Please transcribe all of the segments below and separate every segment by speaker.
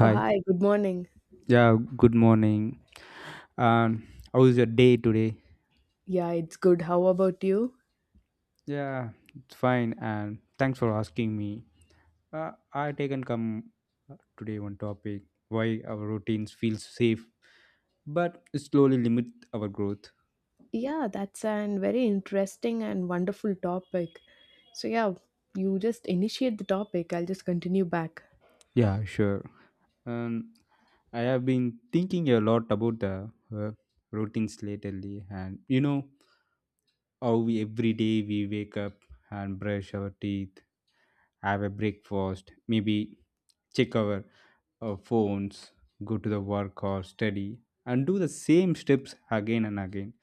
Speaker 1: Oh, hi, good morning.
Speaker 2: Yeah, good morning. Um, how is your day today?
Speaker 1: Yeah, it's good. How about you?
Speaker 2: Yeah, it's fine. And thanks for asking me. I taken come today one topic why our routines feel safe but slowly limit our growth.
Speaker 1: Yeah, that's an very interesting and wonderful topic. So yeah, you just initiate the topic. I'll just continue back.
Speaker 2: Yeah, sure. Um, I have been thinking a lot about the uh, routines lately, and you know how we every day we wake up and brush our teeth, have a breakfast, maybe check our phones, go to the work or study, and do the same steps again and again.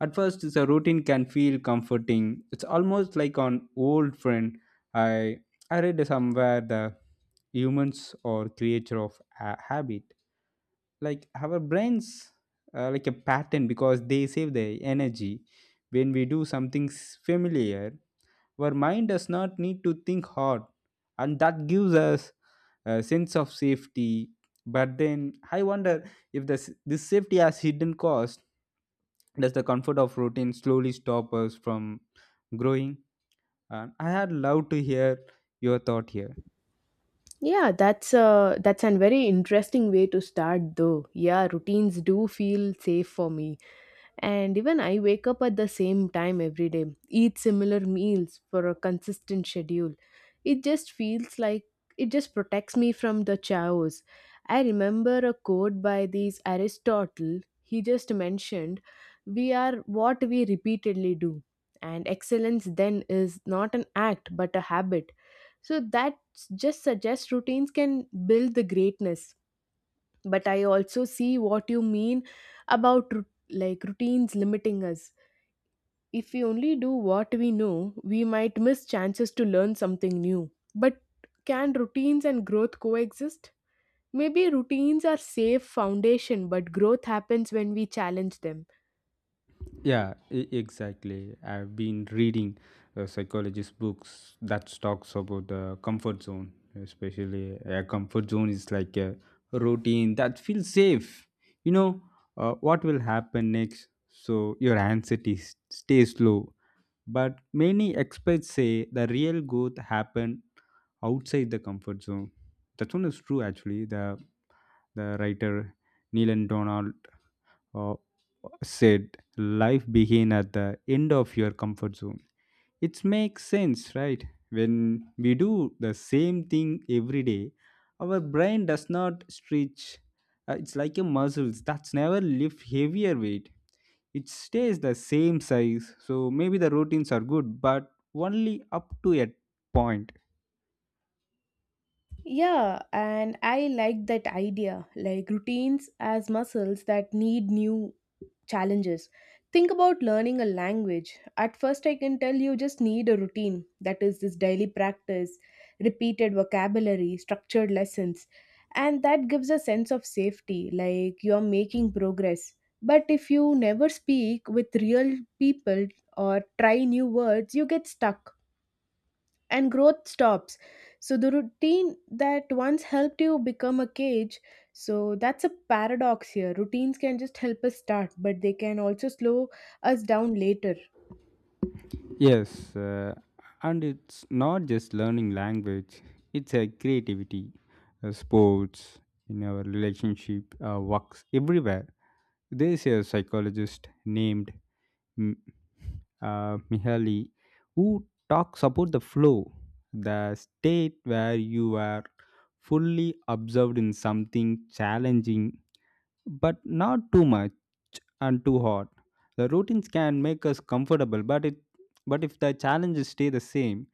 Speaker 2: At first, the routine can feel comforting. It's almost like an old friend. I I read somewhere the humans are creature of a habit. Like our brains, like a pattern because they save their energy when we do something familiar. Our mind does not need to think hard, and that gives us a sense of safety. But then I wonder if this safety has hidden cost. Does the comfort of routine slowly stop us from growing? And I had loved to hear your thought here.
Speaker 1: Yeah, that's an very interesting way to start though. Yeah, routines do feel safe for me. And even I wake up at the same time every day, eat similar meals for a consistent schedule. It just feels like it just protects me from the chaos. I remember a quote by this Aristotle. He just mentioned, we are what we repeatedly do. And excellence then is not an act but a habit. So that just suggests routines can build the greatness, but I also see what you mean about like routines limiting us. If we only do what we know, we might miss chances to learn something new. But can routines and growth coexist? Maybe routines are safe foundation, but growth happens when we challenge them.
Speaker 2: Yeah, exactly. I've been reading psychologist books that talks about the comfort zone, especially a comfort zone is like a routine that feels safe. You know what will happen next, so your anxiety stays low. But many experts say the real growth happen outside the comfort zone. That one is true actually. The writer Neil and Donald uh, said life begin at the end of your comfort zone. It makes sense, right? When we do the same thing every day, our brain does not stretch. It's like a muscles that's never lift heavier weight. It stays the same size, so maybe the routines are good but only up to a point.
Speaker 1: Yeah, and I like that idea, like routines as muscles that need new challenges. Think about learning a language. At first, I can tell you just need a routine, that is, this daily practice, repeated vocabulary, structured lessons, and that gives a sense of safety, like you're making progress. But if you never speak with real people or try new words, you get stuck and growth stops. So the routine that once helped you become a cage. So that's a paradox here. Routines can just help us start, but they can also slow us down later.
Speaker 2: Yes, and it's not just learning language, it's a creativity, sports, in our relationship, works, everywhere. There's a psychologist named M- Mihaly who talks about the flow, the state where you are fully absorbed in something challenging but not too much and too hot. The routines can make us comfortable, but if the challenges stay the same,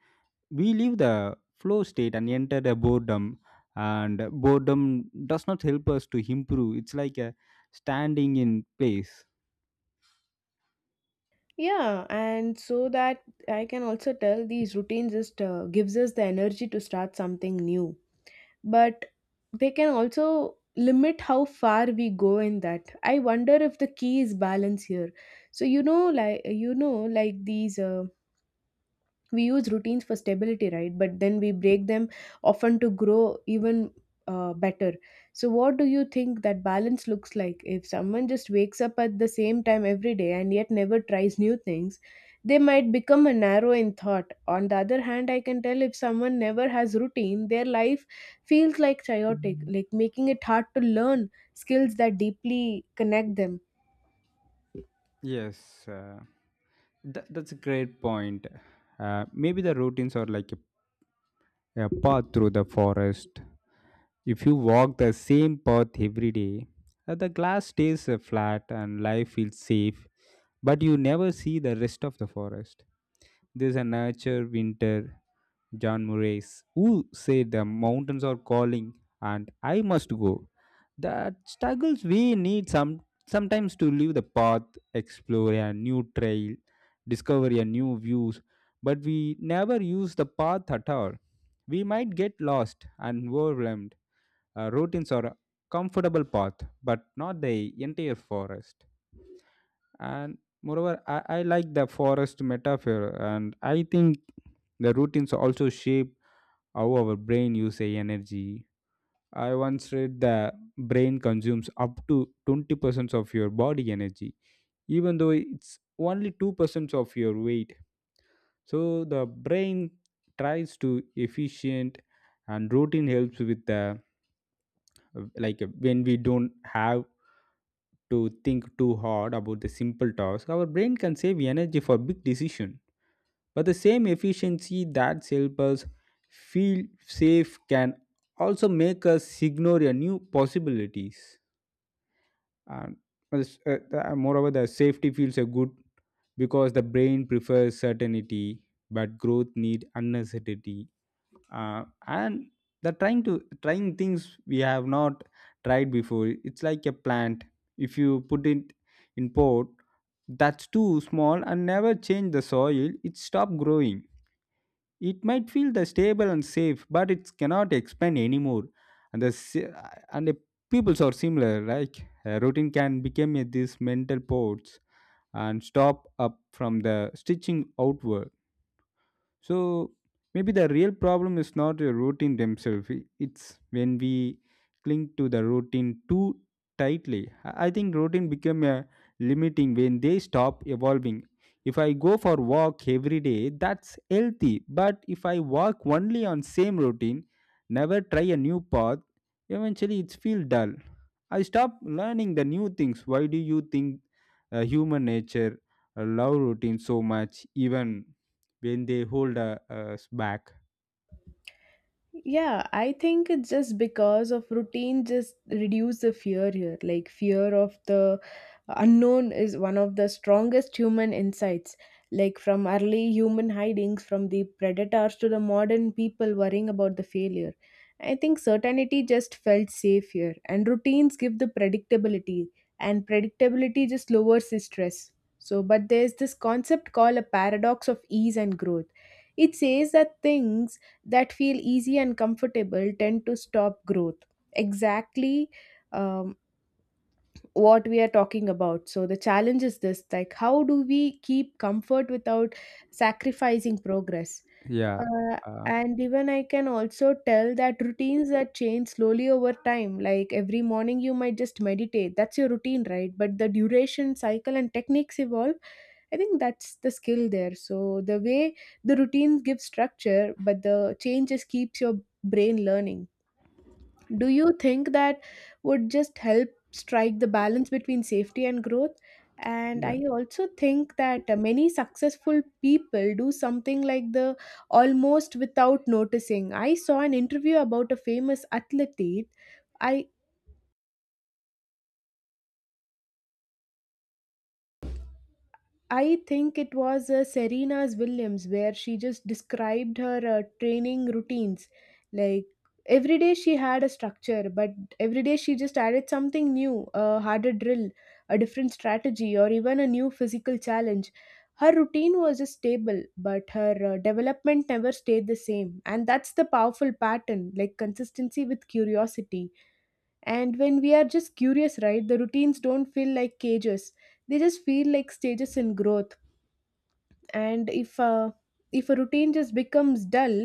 Speaker 2: we leave the flow state and enter the boredom. And boredom does not help us to improve. It's like a standing in place.
Speaker 1: Yeah, and so that I can also tell these routines just gives us the energy to start something new. But they can also limit how far we go in that. I wonder if the key is balance here. So, you know like these we use routines for stability, right? But then we break them often to grow even better. So what do you think that balance looks like? If someone just wakes up at the same time every day and yet never tries new things, they might become a narrow in thought. On the other hand, I can tell if someone never has routine, their life feels like chaotic, like making it hard to learn skills that deeply connect them.
Speaker 2: Yes, that's a great point. Maybe the routines are like a path through the forest. If you walk the same path every day, the glass stays flat and life feels safe, but you never see the rest of the forest. There's a nature winter, John Murray's, who said the mountains are calling and I must go. That struggles we need some sometimes to leave the path, explore a new trail, discover a new views, but we never use the path at all. We might get lost and overwhelmed. Routines are a comfortable path, but not the entire forest. And moreover, I like the forest metaphor, and I think the routines also shape how our brain uses energy. I once read the brain consumes up to 20% of your body energy, even though it's only 2% of your weight. So the brain tries to efficient and routine helps with the like when we don't have to think too hard about the simple task, our brain can save energy for big decision. But the same efficiency that helps us feel safe can also make us ignore a new possibilities. And moreover the safety feels a good because the brain prefers certainty but growth need uncertainty, and they're trying things we have not tried before. It's like a plant. If you put it in pot that's too small and never change the soil, it stop growing. It might feel the stable and safe, but it cannot expand anymore. And the si- and the peoples are similar, like a routine can become a, these mental ports and stop up from the stitching outward. So maybe the real problem is not a routine themselves. It's when we cling to the routine too tightly. I think routine become a limiting when they stop evolving. If I go for walk every day, that's healthy. But if I walk only on same routine, never try a new path, eventually it's feel dull. I stop learning the new things. Why do you think human nature love routine so much? Even when they hold us back?
Speaker 1: Yeah, I think it's just because of routine just reduce the fear here. Like fear of the unknown is one of the strongest human insights. Like from early human hidings from the predators to the modern people worrying about the failure. I think certainty just felt safe here, and routines give the predictability, and predictability just lowers the stress. So but there's this concept called a paradox of ease and growth. It says that things that feel easy and comfortable tend to stop growth. Exactly, um, what we are talking about. So the challenge is this, like, how do we keep comfort without sacrificing progress?
Speaker 2: yeah
Speaker 1: Uh,
Speaker 2: uh,
Speaker 1: and even I can also tell that routines that change slowly over time. Like every morning, you might just meditate. That's your routine, right? But the duration, cycle, and techniques evolve. I think that's the skill there. So the way the routines give structure, but the change just keeps your brain learning. Do you think that would just help strike the balance between safety and growth? And
Speaker 2: yeah
Speaker 1: I also think that many successful people do something like the almost without noticing. I saw an interview about a famous athlete. I I think it was Serena's Williams, where she just described her training routines. Like every day she had a structure, but every day she just added something new, a harder drill, a different strategy, or even a new physical challenge. Her routine was just stable, but her development never stayed the same. And that's the powerful pattern, like consistency with curiosity. And when we are just curious, right, the routines don't feel like cages, they just feel like stages in growth. And if a routine just becomes dull,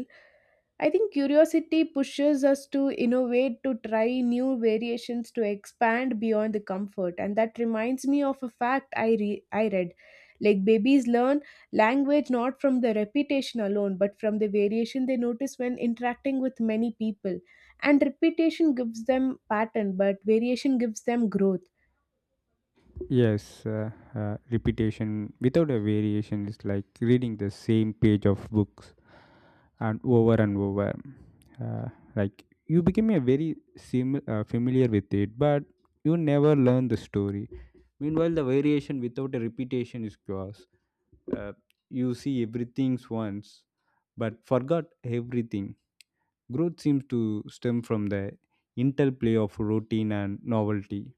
Speaker 1: I think curiosity pushes us to innovate, to try new variations, to expand beyond the comfort. And that reminds me of a fact I read, like babies learn language not from the repetition alone but from the variation they notice when interacting with many people. And repetition gives them pattern, but variation gives them growth.
Speaker 2: yes uh, Repetition without a variation is like reading the same page of books and over and over, uh, like you become a very familiar with it, but you never learn the story. Meanwhile the variation without a repetition is chaos. uh, you see everything once but forgot everything. Growth seems to stem from the interplay of routine and novelty.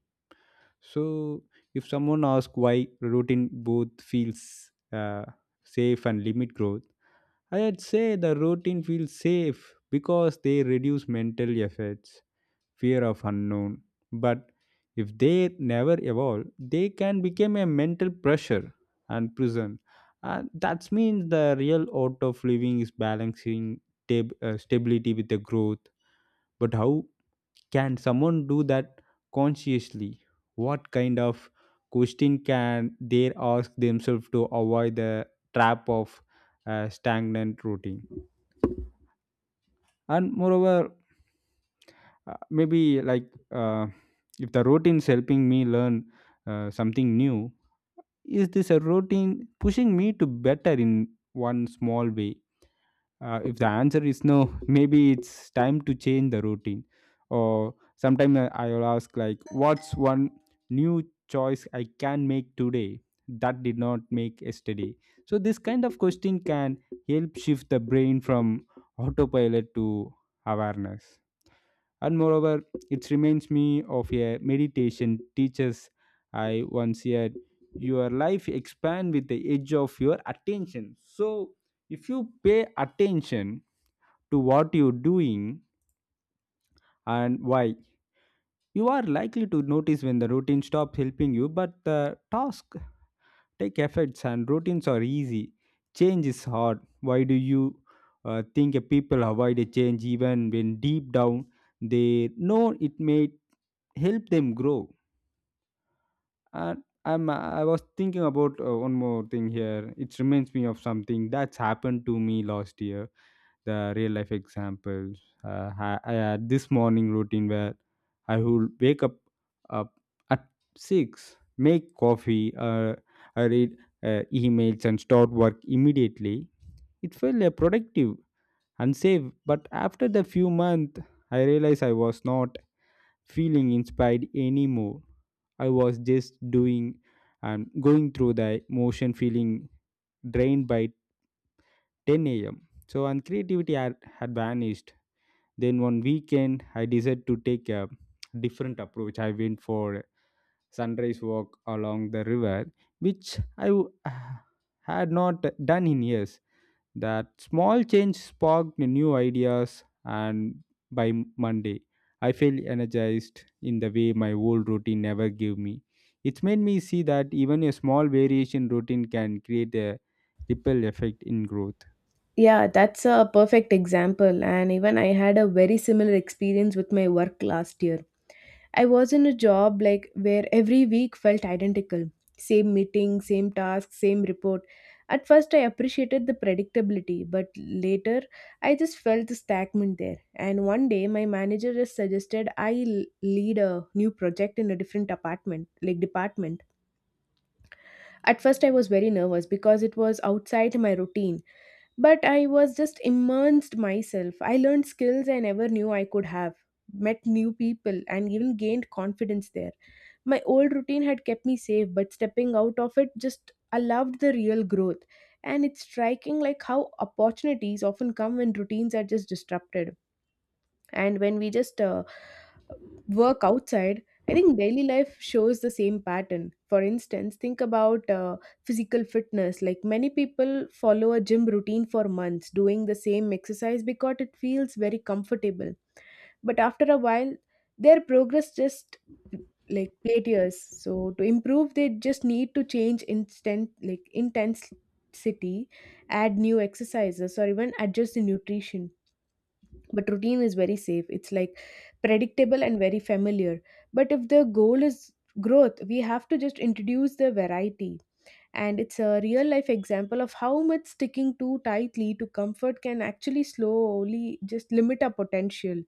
Speaker 2: So, if someone asks why routine both feels safe and limit growth, I'd say the routine feels safe because they reduce mental efforts, fear of unknown. But if they never evolve, they can become a mental pressure and prison. And that means the real art of living is balancing stability with the growth. But how can someone do that consciously? What kind of question can they ask themselves to avoid the trap of stagnant routine? And moreover, maybe like uh, if the routine is helping me learn something new, is this a routine pushing me to better in one small way? If the answer is no, maybe it's time to change the routine. Or sometime I will ask, like, what's one new choice I can make today that did not make yesterday? So this kind of question can help shift the brain from autopilot to awareness. And moreover, it reminds me of a meditation teachers I once heard: your life expand with the edge of your attention. So if you pay attention to what you're doing and why. You are likely to notice when the routine stops helping you, but the task take effects and routines are easy. Change is hard. Why do you think a people avoid a change even when deep down they know it may help them grow? And I was thinking about one more thing here. It reminds me of something that's happened to me last year, the real life examples. I had this morning routine where I would wake up at 6, make coffee, I read emails, and start work immediately. It felt productive and safe, but after the few months, I realized I was not feeling inspired anymore. I was just doing and going through the motion, feeling drained by 10 a.m. So, and creativity had vanished. Then one weekend, I decided to take a different approach. I went for sunrise walk along the river, which had not done in years. That small change sparked new ideas, and by Monday, I felt energized in the way my old routine never gave me. It's made me see that even a small variation routine can create a ripple effect in growth.
Speaker 1: Yeah, that's a perfect example. And even I had a very similar experience with my work last year. I was in a job like where every week felt identical. Same meeting, same task, same report. At first I appreciated the predictability, but later I just felt the stagnant there. And one day my manager just suggested I lead a new project in a different apartment, like department. At first I was very nervous because it was outside my routine, but I was just immersed myself. I learned skills I never knew I could have, met new people, and even gained confidence there. My old routine had kept me safe, but stepping out of it just allowed the real growth. And it's striking like how opportunities often come when routines are just disrupted. And when we just work outside, I think daily life shows the same pattern. For instance, think about physical fitness. Like many people follow a gym routine for months, doing the same exercise because it feels very comfortable. But after a while, their progress just like plateaus. So to improve, they just need to change instant, like intensity, add new exercises, or even adjust the nutrition. But routine is very safe, it's like predictable and very familiar. But if the goal is growth, we have to just introduce the variety. And it's a real life example of how much sticking too tightly to comfort can actually slowly just limit our potential.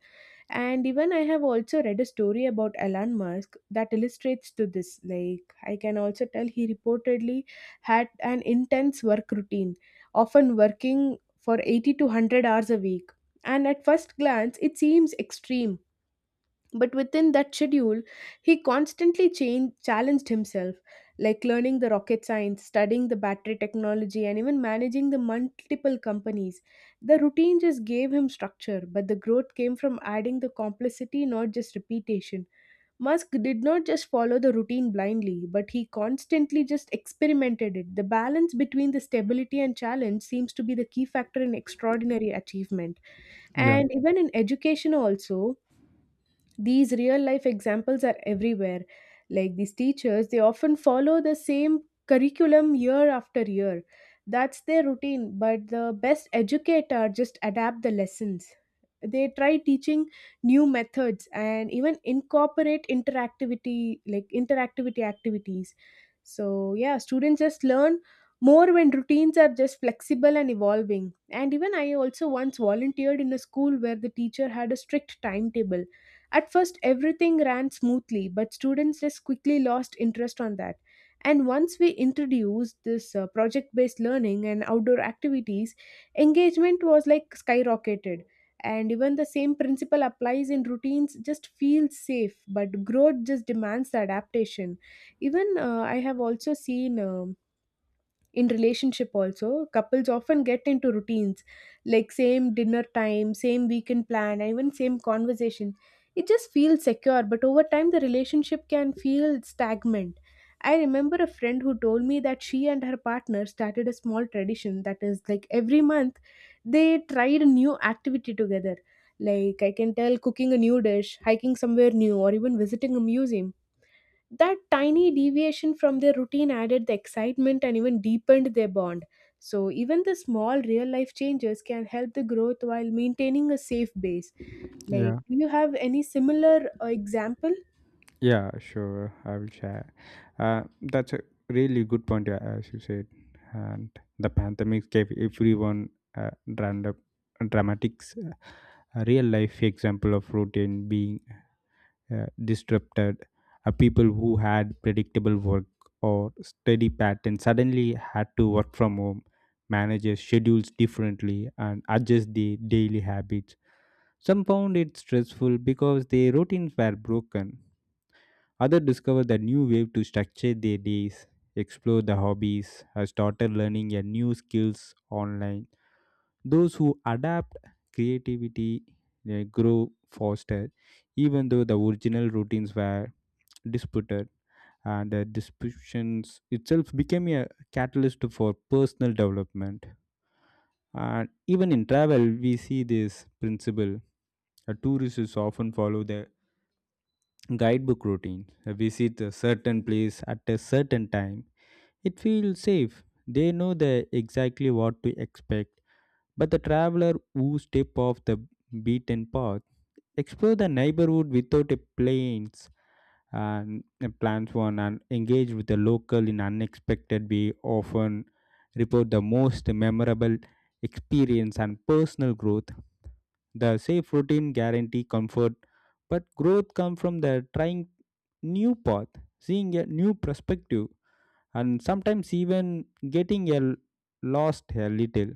Speaker 1: And even I have also read a story about Elon Musk that illustrates to this. Like I can also tell he reportedly had an intense work routine, often working for 80 to 100 hours a week. And at first glance, it seems extreme, but within that schedule, he constantly changed, challenged himself, like learning the rocket science, studying the battery technology, and even managing the multiple companies. The routine just gave him structure, but the growth came from adding the complexity, not just repetition. Musk did not just follow the routine blindly, but he constantly just experimented it. The balance between the stability and challenge seems to be the key factor in extraordinary achievement.
Speaker 2: Yeah,
Speaker 1: And even in education, also, these real life examples are everywhere. Like these teachers, they often follow the same curriculum year after year. That's their routine, but the best educator just adapt the lessons. They try teaching new methods and even incorporate interactivity, like interactivity activities. So yeah, students just learn more when routines are just flexible and evolving. And even I also once volunteered in a school where the teacher had a strict timetable. At first, everything ran smoothly, but students just quickly lost interest on that. And once we introduced this project based learning and outdoor activities, engagement was like skyrocketed. And even the same principle applies in routines, just feel safe, but growth just demands the adaptation. Even I have also seen, in relationship also, couples often get into routines, like same dinner time, same weekend plan, and even same conversation. It just feels secure, but over time the relationship can feel stagnant. I remember a friend who told me that she and her partner started a small tradition, that is, like every month they tried a new activity together, like I can tell, cooking a new dish, hiking somewhere new, or even visiting a museum. That tiny deviation from their routine added the excitement and even deepened their bond. So, even the small real life changes can help the growth while maintaining a safe base. Like,
Speaker 2: yeah.
Speaker 1: do you have any similar example?
Speaker 2: Yeah, sure. I will share. That's a really good point, as you said. And the pandemic gave everyone a random, dramatics, a real life example of routine being disrupted. People who had predictable work or steady patterns suddenly had to work from home, manage their schedules differently, and adjust their daily habits. Some found it stressful because their routines were broken. Others discover the new way to structure their days, explore the hobbies, or started learning a new skills online. Those who adapt creativity, they grow faster, even though the original routines were disputed. And the disruptions itself became a catalyst for personal development. And even in travel, we see this principle. A tourist is often follow the guidebook routine. Visit a certain place at a certain time. It feels safe. They know the exactly what to expect. But the traveler who step off the beaten path, explore the neighborhood without a plans and plans one and engage with the local in unexpected way often report the most memorable experience and personal growth. The safe routine guarantee comfort, but growth comes from the trying new path, seeing a new perspective, and sometimes even getting a lost a little.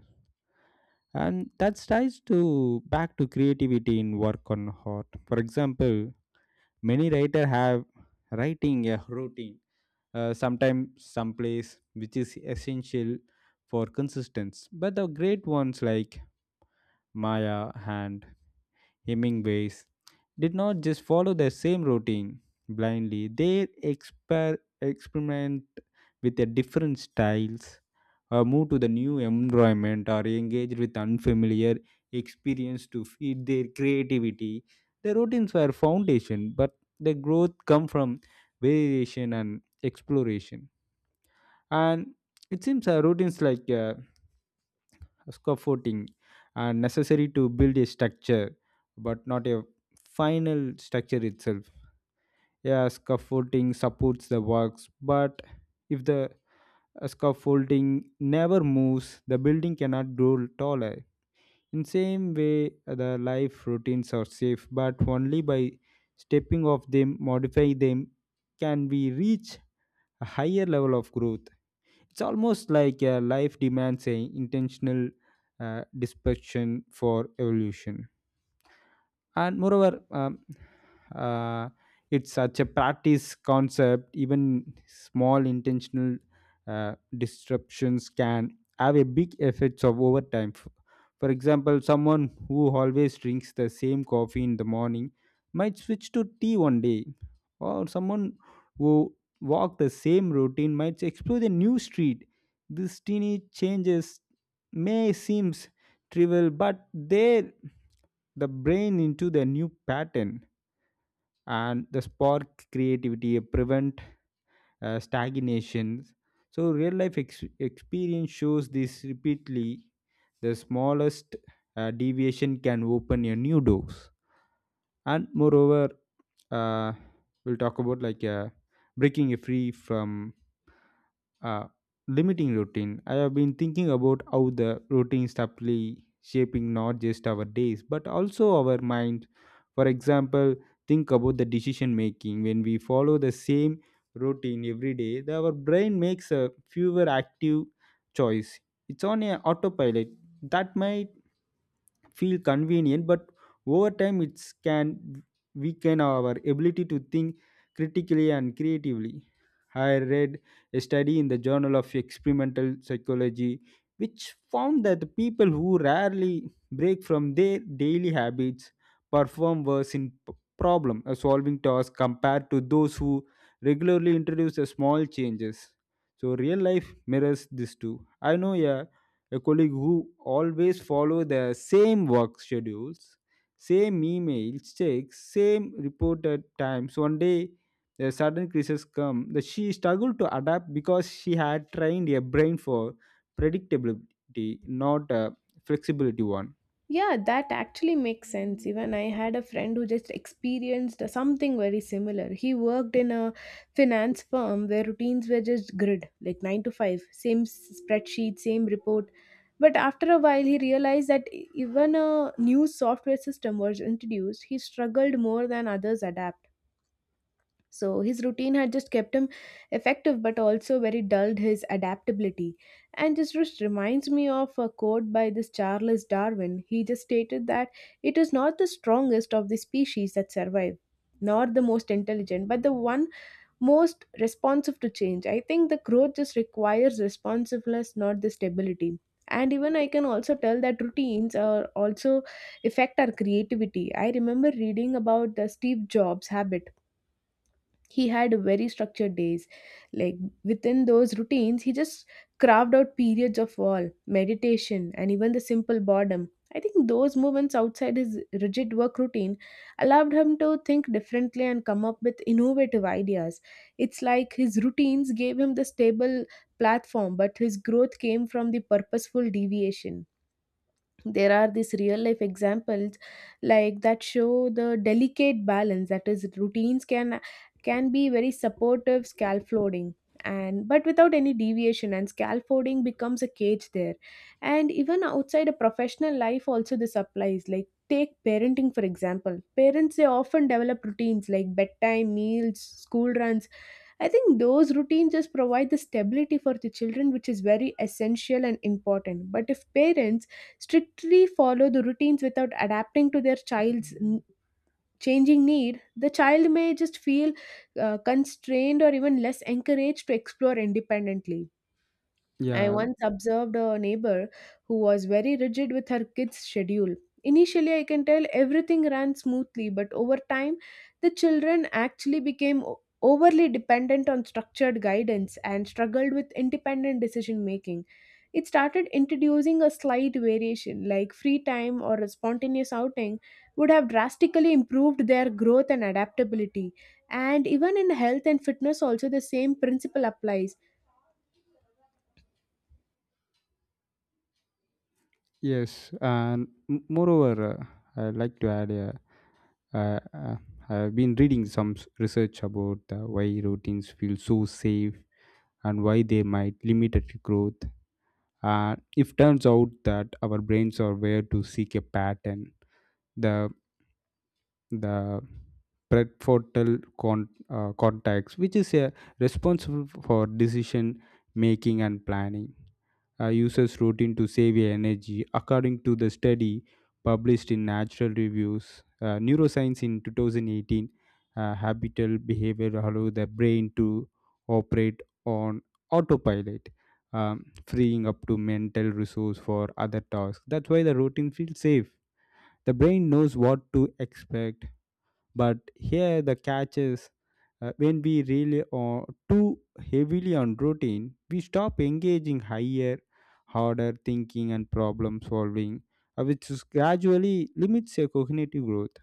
Speaker 2: And that ties to back to creativity in work on heart. For example, many writer have writing a routine, sometimes someplace, which is essential for consistency. But the great ones like maya and hemingways did not just follow the same routine blindly. They experiment with their different styles, or move to the new environment, or engage with unfamiliar experience to feed their creativity. The routines were foundation, but the growth come from variation and exploration. And it seems routines like scaffolding are necessary to build a structure, but not a final structure itself. Yeah, scaffolding supports the works, but if the scaffolding never moves, the building cannot grow taller. In same way, the life routines are safe, but only by stepping off them, modify them, can we reach a higher level of growth. It's almost like life demands a intentional dispersion for evolution. And moreover, uh, it's such a practice concept. Even small intentional disruptions can have a big effects of over time. For example, someone who always drinks the same coffee in the morning might switch to tea one day, or someone who walk the same routine might explore a new street. These teeny changes may seems trivial, but they the brain into the new pattern and the spark creativity, prevent stagnation. So real life experience shows this repeatedly. The smallest deviation can open a new doors. And moreover, uh, we'll talk about like breaking a free from uh, limiting routine. I have been thinking about how the routine subtly shaping not just our days but also our minds. For example, think about the decision making. When we follow the same routine every day, our brain makes a fewer active choice. It's on a autopilot that might feel convenient, but over time it can weaken our ability to think critically and creatively. I read a study in the Journal of Experimental Psychology which found that the people who rarely break from their daily habits perform worse in problem solving tasks compared to those who regularly introduce a small changes. So real life mirrors this too. I know a colleague who always follow the same work schedules, same email checks, same reported times. One day, a sudden crisis come. The, she struggled to adapt because she had trained a brain for predictability, not a flexibility one.
Speaker 1: Yeah, that actually makes sense. Even I had a friend who just experienced something very similar. He worked in a finance firm where routines were just grid, like 9 to 5, same spreadsheet, same report. But after a while, he realized that even a new software system was introduced, he struggled more than others adapted. So his routine had just kept him effective but also very dulled his adaptability. And this just reminds me of a quote by this Charles Darwin. He just stated that it is not the strongest of the species that survive, nor the most intelligent, but the one most responsive to change. I think the growth just requires responsiveness, not the stability. And even I can also tell that routines are also affect our creativity. I remember reading about the Steve Jobs habit. He had very structured days, like within those routines he just carved out periods of all meditation and even the simple boredom. I think those movements outside his rigid work routine allowed him to think differently and come up with innovative ideas. It's like his routines gave him the stable platform, but his growth came from the purposeful deviation. There are these real life examples that show the delicate balance, that is routines can be very supportive scaffolding, and but without any deviation, and scaffolding becomes a cage there. And even outside a professional life also this applies. Like take parenting for example: parents, they often develop routines like bedtime, meals, school runs. I think those routines just provide the stability for the children, which is very essential and important. But if parents strictly follow the routines without adapting to their child's changing need, the child may just feel constrained or even less encouraged to explore independently. I
Speaker 2: Yeah,
Speaker 1: once observed a neighbor who was very rigid with her kids' schedule. Initially, I can tell everything ran smoothly, but over time, the children actually became overly dependent on structured guidance and struggled with independent decision making. It started introducing a slight variation, like free time or a spontaneous outing, would have drastically improved their growth and adaptability. And even in health and fitness, also the same principle applies.
Speaker 2: yes. And moreover, I'd like to add uh, uh, I've been reading some research about why routines feel so safe and why they might limit at growth. And it turns out that our brains are where to seek a pattern. The the prefrontal cortex, which is responsible for decision making and planning. Uses routine to save your energy. According to the study published in Natural Reviews, Neuroscience in 2018, habitual behavior allows the brain to operate on autopilot, freeing up to mental resource for other tasks. That's why the routine feels safe. The brain knows what to expect, but here the catch is, when we rely on too heavily on routine, we stop engaging higher harder thinking and problem solving, which is gradually limits your cognitive growth.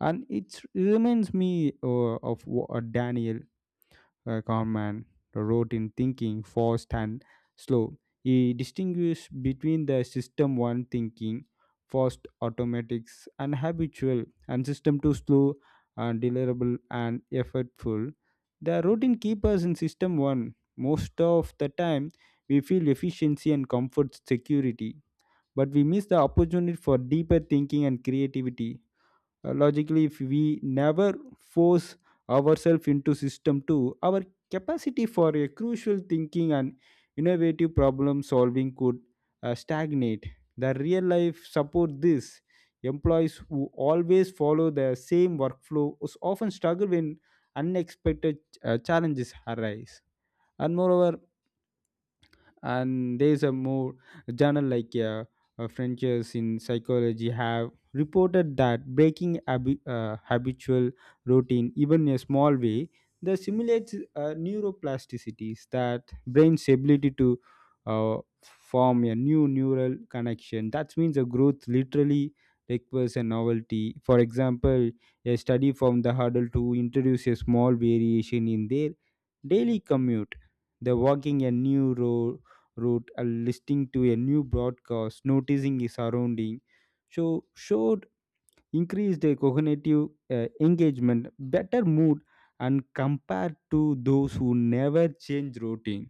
Speaker 2: And it reminds me of Daniel Kahneman wrote in Thinking Fast and Slow. He distinguished between the system one thinking, fast automatics and habitual, and system two slow and deliverable and effortful. The routine keepers in system one. Most of the time, we feel efficiency and comfort security, but we miss the opportunity for deeper thinking and creativity. Logically, if we never force ourselves into system 2, our capacity for a crucial thinking and innovative problem solving could stagnate. The real life support this. Employees who always follow the same workflow often struggle when unexpected challenges arise. And moreover, and there's a more journal like Frontiers in Psychology have reported that breaking habitual routine, even in a small way, that simulates neuroplasticities, that brain's ability to uh, form a new neural connection. That means a growth literally requires a novelty. For example, a study from the Huddle to introduce a small variation in their daily commute, the walking a new road route and listening to a new broadcast, noticing his surrounding, so showed increased cognitive engagement, better mood, and compared to those who never change routine.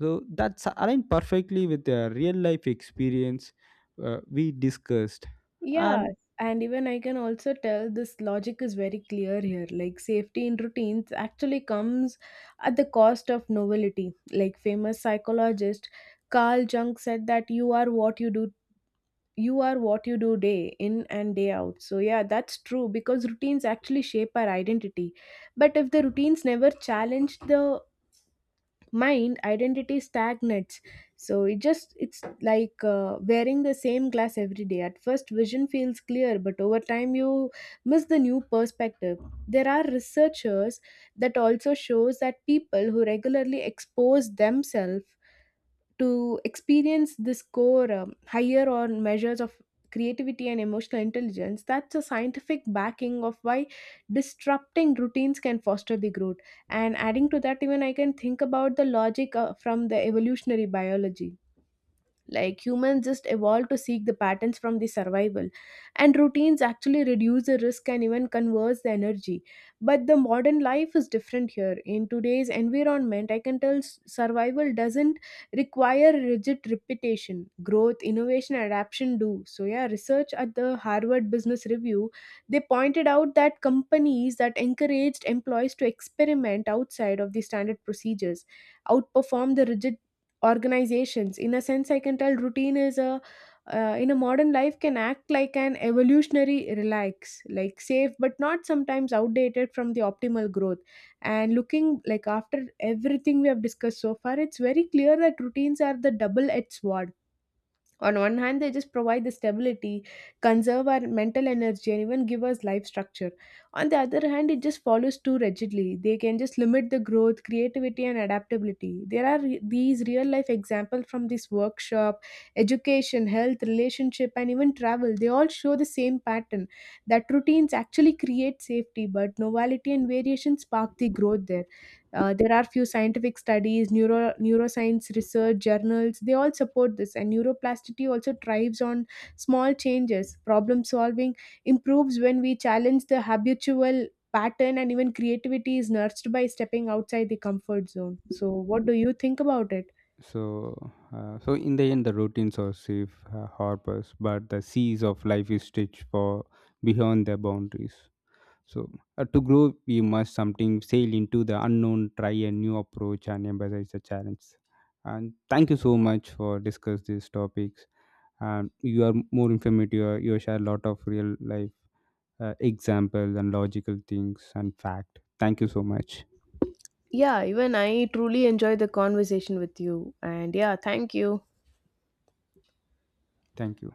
Speaker 2: So that's aligned perfectly with the real life experience we discussed,
Speaker 1: Yeah,
Speaker 2: and
Speaker 1: and even I can also tell this logic is very clear here. Like safety in routines actually comes at the cost of novelty. Like famous psychologist Carl Jung said that you are what you do, you are what you do day in and day out. So yeah, that's true, because routines actually shape our identity. But if the routines never challenge the mind, identity stagnates. So it's like wearing the same glass every day. At first vision feels clear, but over time you miss the new perspective. There are researchers that also shows that people who regularly expose themselves to experience this core higher or measures of creativity and emotional intelligence. That's a scientific backing of why disrupting routines can foster the growth. And adding to that, even I can think about the logic from the evolutionary biology. Like humans just evolved to seek the patterns from the survival, and routines actually reduce the risk and even conserve the energy. But the modern life is different here. In today's environment, I can tell survival doesn't require rigid repetition. Growth, innovation, adaptation do. So yeah, research at the Harvard Business Review, they pointed out that companies that encouraged employees to experiment outside of the standard procedures outperform the rigid organizations. In a sense, I can tell routine is a in a modern life can act like an evolutionary relax, like safe but not sometimes outdated from the optimal growth. And looking like after everything we have discussed so far, it's very clear that routines are the double edged sword. On one hand, they just provide the stability, conserve our mental energy, and even give us life structure. On the other hand, it just follows too rigidly, they can just limit the growth, creativity and adaptability. There are these real life examples from this workshop, education, health, relationship and even travel. They all show the same pattern, that routines actually create safety but novelty and variation spark the growth there. There are few scientific studies, neuroscience research journals, they all support this. And neuroplasticity also thrives on small changes. Problem solving improves when we challenge the habitual pattern, and even creativity is nurtured by stepping outside the comfort zone. So, what do you think about it?
Speaker 2: so so in the end, the routines are safe harbors, but the seas of life is stretched for beyond their boundaries. So to grow, we must something sail into the unknown, try a new approach, and embrace the challenge. And thank you so much for discuss these topics. And you are more informative. You share a lot of real life examples and logical things and fact. Thank you so much.
Speaker 1: Yeah, even I truly enjoyed the conversation with you. And yeah, thank you.
Speaker 2: Thank you.